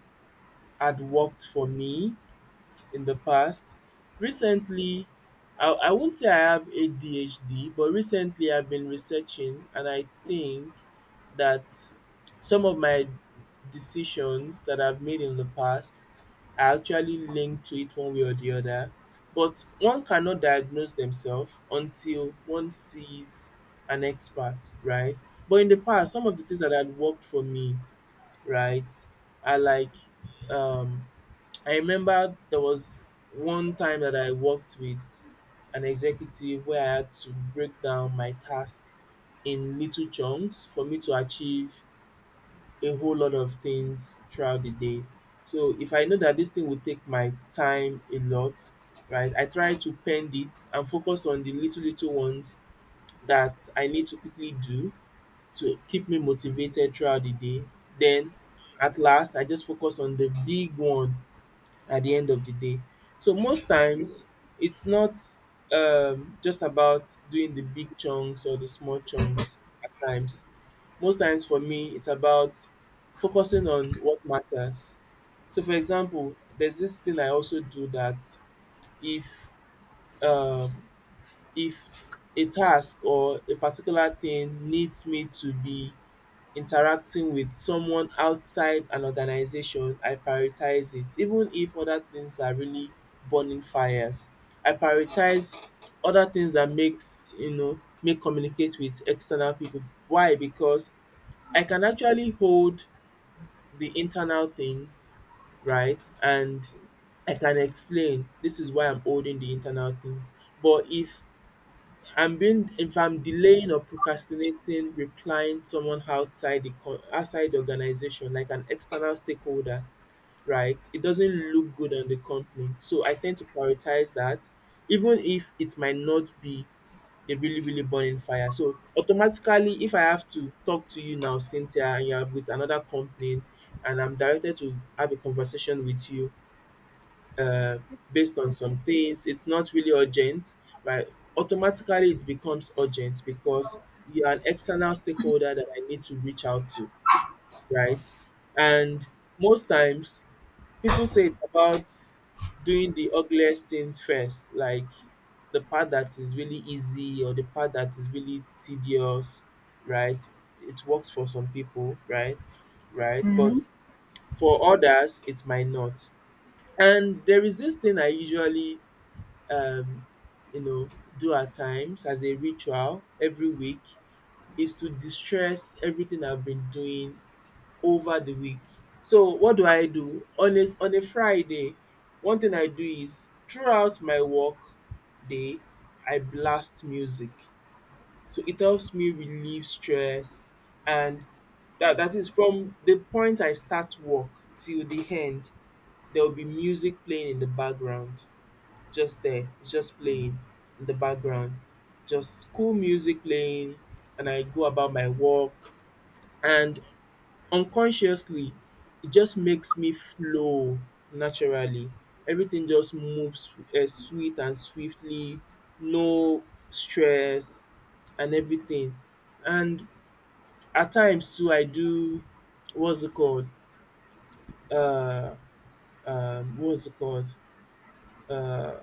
Speaker 2: had worked for me in the past. Recently, I won't say I have ADHD, but recently I've been researching and I think that some of my decisions that I've made in the past are actually linked to it one way or the other. But one cannot diagnose themselves until one sees an expert, right? But in the past, some of the things that had worked for me, right, are like um I remember there was one time that I worked with an executive where I had to break down my task in little chunks for me to achieve a whole lot of things throughout the day. So if I know that this thing will take my time a lot, right, I try to pend it and focus on the little, little ones that I need to quickly do to keep me motivated throughout the day. Then at last, I just focus on the big one at the end of the day. So most times it's not just about doing the big chunks or the small chunks at times. Most times for me, it's about focusing on what matters. So for example, there's this thing I also do that if um, if a task or a particular thing needs me to be interacting with someone outside an organization, I prioritize it. Even if other things are really burning fires, I prioritize other things that makes make communicate with external people. Why? Because I can actually hold the internal things, right? And I can explain this is why I'm holding the internal things. But if I'm delaying or procrastinating replying to someone outside the outside the organization, like an external stakeholder, right? It doesn't look good on the company. So I tend to prioritize that, even if it might not be a really, really burning fire. So automatically if I have to talk to you now, Cynthia, and you are with another company and I'm directed to have a conversation with you, uh, based on some things. It's not really urgent, right? Automatically, it becomes urgent because you're an external stakeholder that I need to reach out to, right? And most times, people say it's about doing the ugliest thing first, like the part that is really easy or the part that is really tedious, right? It works for some people, right? Right.
Speaker 1: Hmm.
Speaker 2: But for others, it might not. And there is this thing I usually um, you know, do at times as a ritual every week is to distress everything I've been doing over the week. So what do I do? On on a Friday, one thing I do is throughout my work day, I blast music. So it helps me relieve stress and that is from the point I start work till the end, there will be music playing in the background just there. It's just playing in the background, just cool music playing, and I go about my work. And unconsciously, it just makes me flow naturally. Everything just moves sweet and swiftly, no stress and everything. And at times too, I do what's it called? Uh, what's it called? Uh,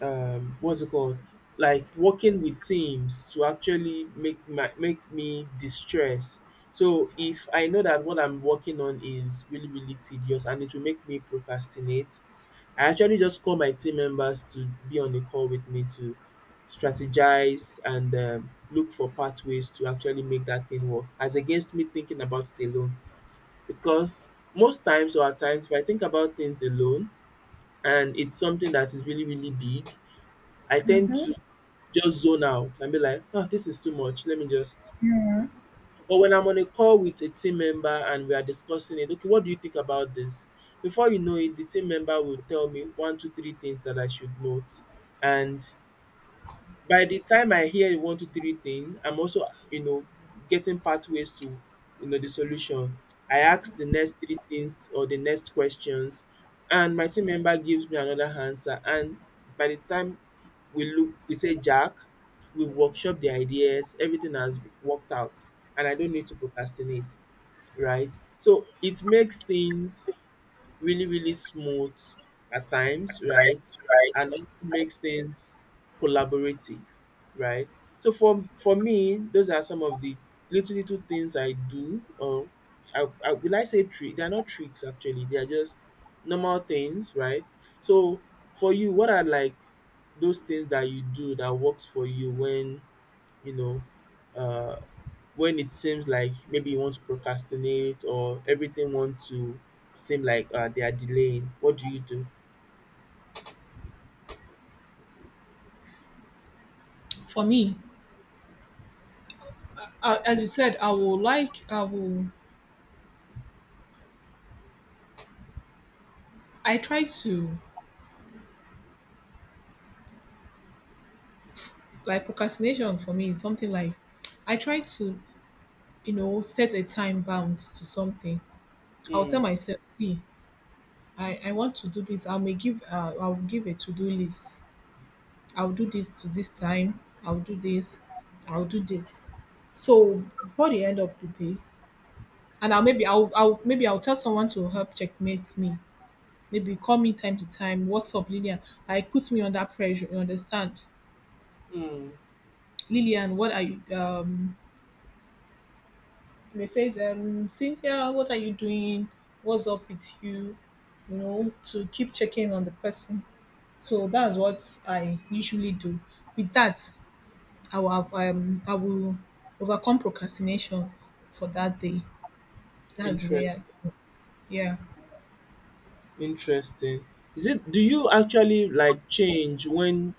Speaker 2: what's it called like working with teams to actually make my make me distress. So if I know that what I'm working on is really really tedious and it will make me procrastinate, I actually just call my team members to be on a call with me to strategize and look for pathways to actually make that thing work as against me thinking about it alone. Because most times or at times if I think about things alone and it's something that is really really big, I tend to just zone out and be like, "Ah, this is too much. Let me just." But when I'm on a call with a team member and we are discussing it, "Okay, what do you think about this?" Before you know it, the team member will tell me one, two, three things that I should note. And by the time I hear the one, two, three thing, I'm also, getting pathways to, the solution. I ask the next three things or the next questions, and my team member gives me another answer. And by the time we say, Jack, we workshop the ideas, everything has worked out, and I don't need to procrastinate, right? So it makes things really, really smooth at times, right? And
Speaker 1: Right.
Speaker 2: it makes things collaborative, right? So for me, those are some of the little little things I do. Or I say trick? They're not tricks actually. They are just normal things, right? So for you, what are like those things that you do that works for you when you know, uh, when it seems like maybe you want to procrastinate or everything wants to seem like they are delaying? What do you do?
Speaker 1: For me, as you said, I will like, I will, I try to, like, procrastination for me is something like, I try to, set a time bound to something. I'll tell
Speaker 2: Mm,
Speaker 1: myself, see, I want to do this. I will give a to do list. I'll do this to this time. I'll do this. I'll do this. So before the end of the day, and I'll tell someone to help checkmate me. Maybe call me time to time. What's up, Lillian? Like, put me under pressure. You understand,
Speaker 2: mm,
Speaker 1: Lillian? What are you? They says Cynthia, what are you doing? What's up with you? You know, to keep checking on the person. So that's what I usually do. With that, I will overcome procrastination for that day. That's where,
Speaker 2: interesting.
Speaker 1: I, yeah,
Speaker 2: Interesting. Is it? Do you actually like change when?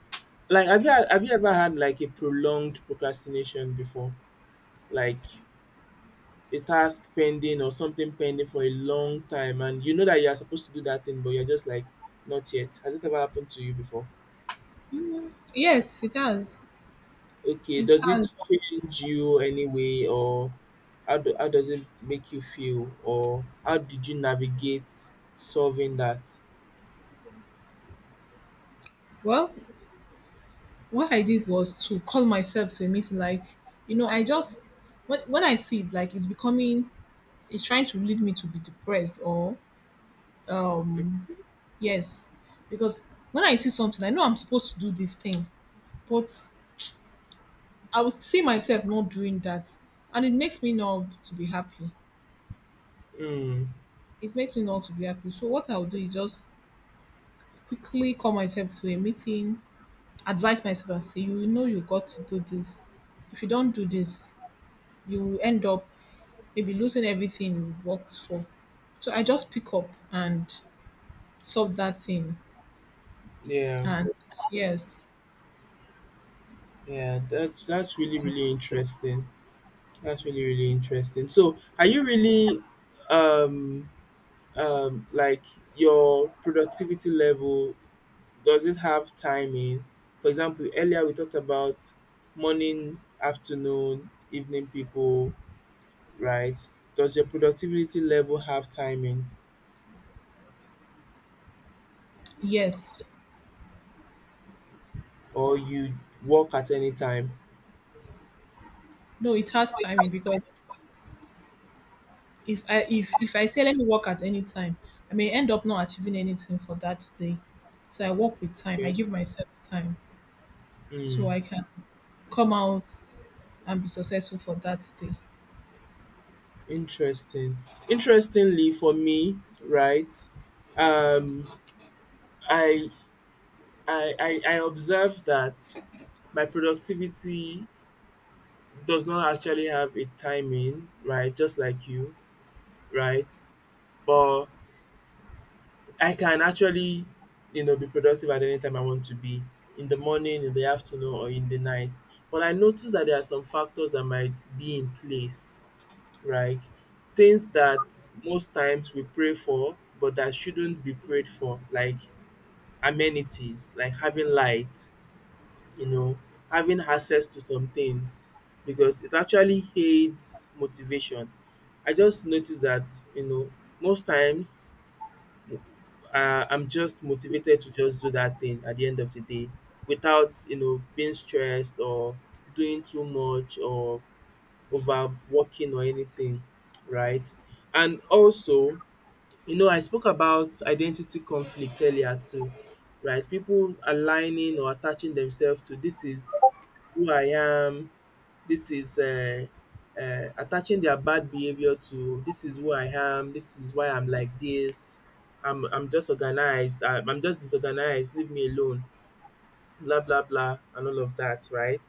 Speaker 2: Like, have you ever had like a prolonged procrastination before? Like a task pending or something pending for a long time, and you know that you are supposed to do that thing, but you're just like not yet. Has it ever happened to you before?
Speaker 1: yes, it has,
Speaker 2: Okay,
Speaker 1: it
Speaker 2: does it
Speaker 1: has.
Speaker 2: change you anyway or how does it make you feel or how did you navigate solving that?
Speaker 1: Well, what I did was to call myself to a meeting. Like, you know, I just, when I see it, like, it's trying to lead me to be depressed, or um yes, because when I see something, I know I'm supposed to do this thing, but I would see myself not doing that. And it makes me not to be happy.
Speaker 2: Mm,
Speaker 1: It makes me not to be happy. So what I'll do is just quickly call myself to a meeting, advise myself and say, you know you got to do this. If you don't do this, you will end up maybe losing everything you worked for. So I just pick up and solve that thing.
Speaker 2: yeah,
Speaker 1: And yes,
Speaker 2: yeah, that's really really interesting. That's really really interesting. So, are you really um like your productivity level, does it have timing? For example, earlier we talked about morning, afternoon, evening people, right? Does your productivity level have timing
Speaker 1: yes.
Speaker 2: or you work at any time?
Speaker 1: No, it has timing, because if I say let me work at any time, I may end up not achieving anything for that day. So I work with time. I
Speaker 2: Okay.
Speaker 1: give myself time
Speaker 2: Hmm.
Speaker 1: so I can come out and be successful for that day.
Speaker 2: Interesting. Interestingly for me, right? Um I I observe that my productivity does not actually have a timing, right? Just like you, right? But I can actually, you know, be productive at any time I want to be, in the morning, in the afternoon, or in the night. But I notice that there are some factors that might be in place, right? Things that most times we pray for, but that shouldn't be prayed for, like amenities, like having light, you know, having access to some things, because it actually aids motivation. I just noticed that, you know, most times I'm just motivated to just do that thing at the end of the day without, you know, being stressed or doing too much or overworking or anything, right? And also, you know, I spoke about identity conflict earlier too, right? People aligning or attaching themselves to this is who I am, this is attaching their bad behaviour to this is who I am, this is why I'm like this, I'm just organized, I'm just disorganized, leave me alone, blah blah blah and all of that, right?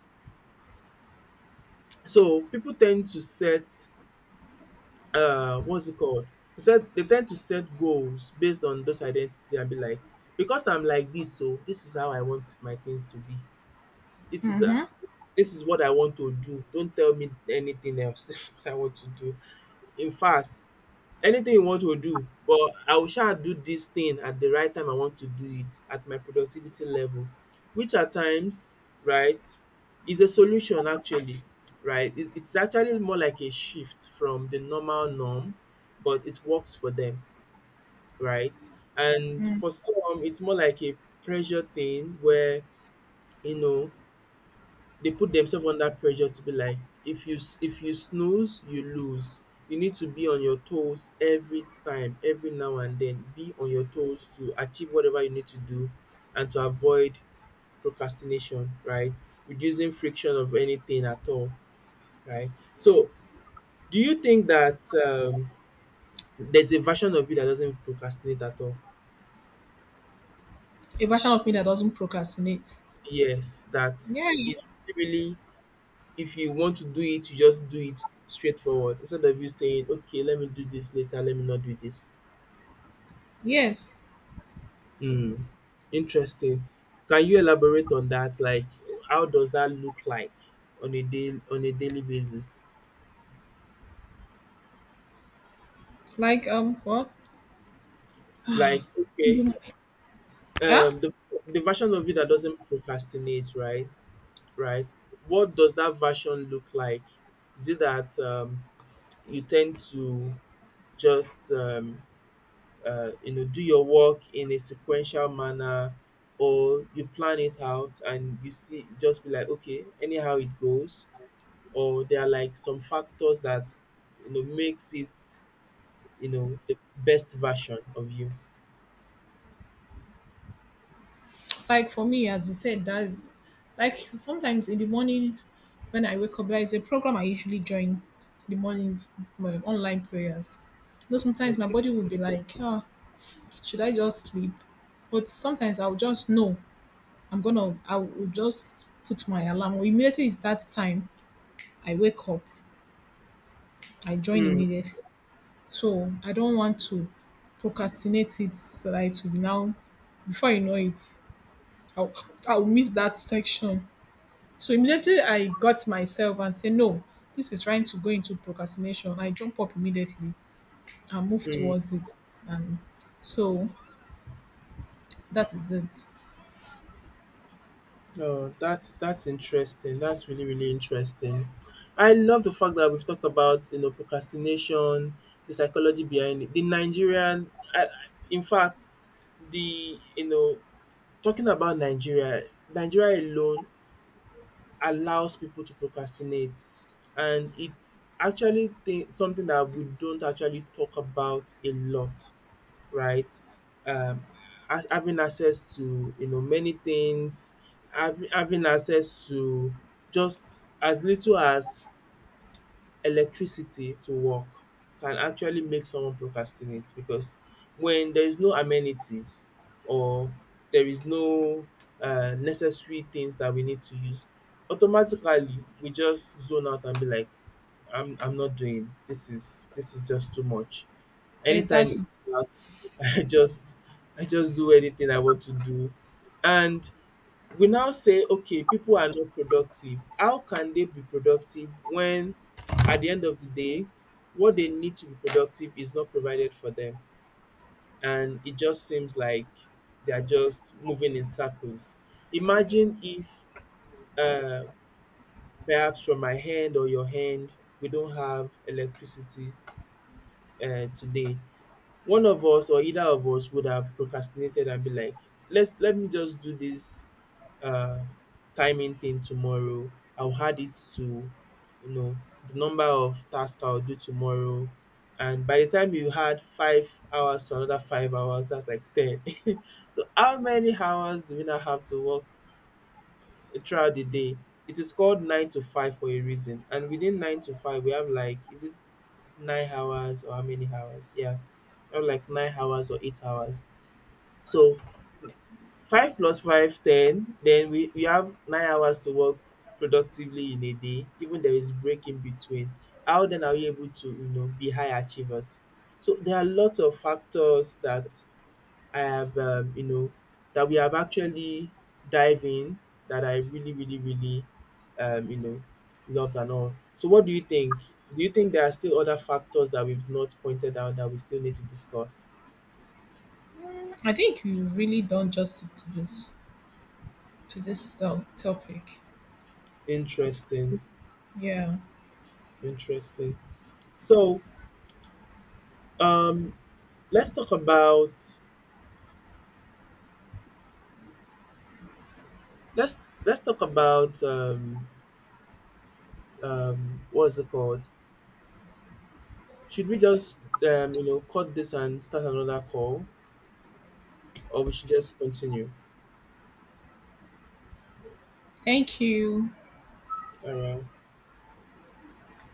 Speaker 2: So people tend to set what's it called? They tend to set goals based on those identity and be like because I'm like this so this is how I want my things to be. This is um
Speaker 1: Mm-hmm.
Speaker 2: this is what I want to do, don't tell me anything else, (laughs) this is what I want to do. In fact anything you want to do but I will sha do this thing at the right time I want to do it at my productivity level, which at times, right, is a solution actually, right. It it's actually more like a shift from the normal norm, but it works for them, right. And
Speaker 1: Mm.
Speaker 2: for some, it's more like a pressure thing where, you know, they put themselves under pressure to be like, if you if you snooze you lose, you need to be on your toes every time, every now and then be on your toes to achieve whatever you need to do, and to avoid procrastination, right? Reducing friction of anything at all, right? So do you think that there's a version of you that doesn't procrastinate at all?
Speaker 1: A version of me that doesn't procrastinate.
Speaker 2: Yes, that
Speaker 1: Yeah.
Speaker 2: is really, if you want to do it you just do it straightforward instead of you saying okay let me do this later, let me not do this.
Speaker 1: Yes.
Speaker 2: Hmm. Interesting. Can you elaborate on that, like how does that look like on a day on a daily basis?
Speaker 1: Like, what?
Speaker 2: Like okay,
Speaker 1: Yeah.
Speaker 2: um the, the version of you that doesn't procrastinate, right, right, what does that version look like? Is it that you tend to just you know, do your work in a sequential manner, or you plan it out and you see just be like okay anyhow it goes, or there are like some factors that you know makes it, you know, the best version of you?
Speaker 1: Like, for me, as you said, that, like, sometimes in the morning when I wake up, there is a program I usually join in the morning, my online prayers. You know, sometimes my
Speaker 2: Okay.
Speaker 1: body will be like, oh, should I just sleep? But sometimes, I'll just no, I will just put my alarm. Well, immediately it's that time, I wake up, I join
Speaker 2: Mm,
Speaker 1: immediately. So I don't want to procrastinate it, so that it will be, now before you know it, I'll I'll miss that section. So immediately I got myself and say no, this is trying to go into procrastination. I jump up immediately and move
Speaker 2: mm.
Speaker 1: towards it. And so that is it.
Speaker 2: Oh, that's interesting. That's really really interesting. I love the fact that we've talked about you know procrastination, the psychology behind it, the Nigerian. In fact, the you know. Talking about Nigeria, Nigeria alone allows people to procrastinate and it's actually something that we don't actually talk about a lot, right? Um, having access to you know many things, having access to just as little as electricity to work can actually make someone procrastinate because when there is no amenities or there is no necessary things that we need to use, automatically we just zone out and be like, I'm not doing this, is this is just too much. Anytime it's
Speaker 1: Exactly.
Speaker 2: dark, (laughs) I just I just do anything I want to do. And we now say okay people are not productive, how can they be productive when at the end of the day what they need to be productive is not provided for them, and it just seems like they are just moving in circles. Imagine if uh, perhaps from my hand or your hand we don't have electricity today, one of us or either of us would have procrastinated and be like, let's let me just do this uh timing thing tomorrow. I'll add it to you know the number of tasks I'll do tomorrow. And by the time you add 5 hours to another 5 hours, that's like 10. (laughs) So how many hours do we now have to work throughout the day? It is called nine to five for a reason. And within nine to five, we have like is it 9 hours or how many hours? Yeah, or like 9 hours or 8 hours. So five plus five, 10. Then we have 9 hours to work productively in a day. Even there is break in between. How then are we able to you know be high achievers? So there are lots of factors that I have, you know, that we have actually dive in that I really, really, really, you know, loved and all. So, what do you think? Do you think there are still other factors that we've not pointed out that we still need to discuss?
Speaker 1: I think you really do done justice to this, to this topic.
Speaker 2: Interesting,
Speaker 1: Yeah.
Speaker 2: interesting. So, um, let's talk about let's talk about what's it called? Should we just you know cut this and start another call, or we should just continue?
Speaker 1: Thank you.
Speaker 2: All right.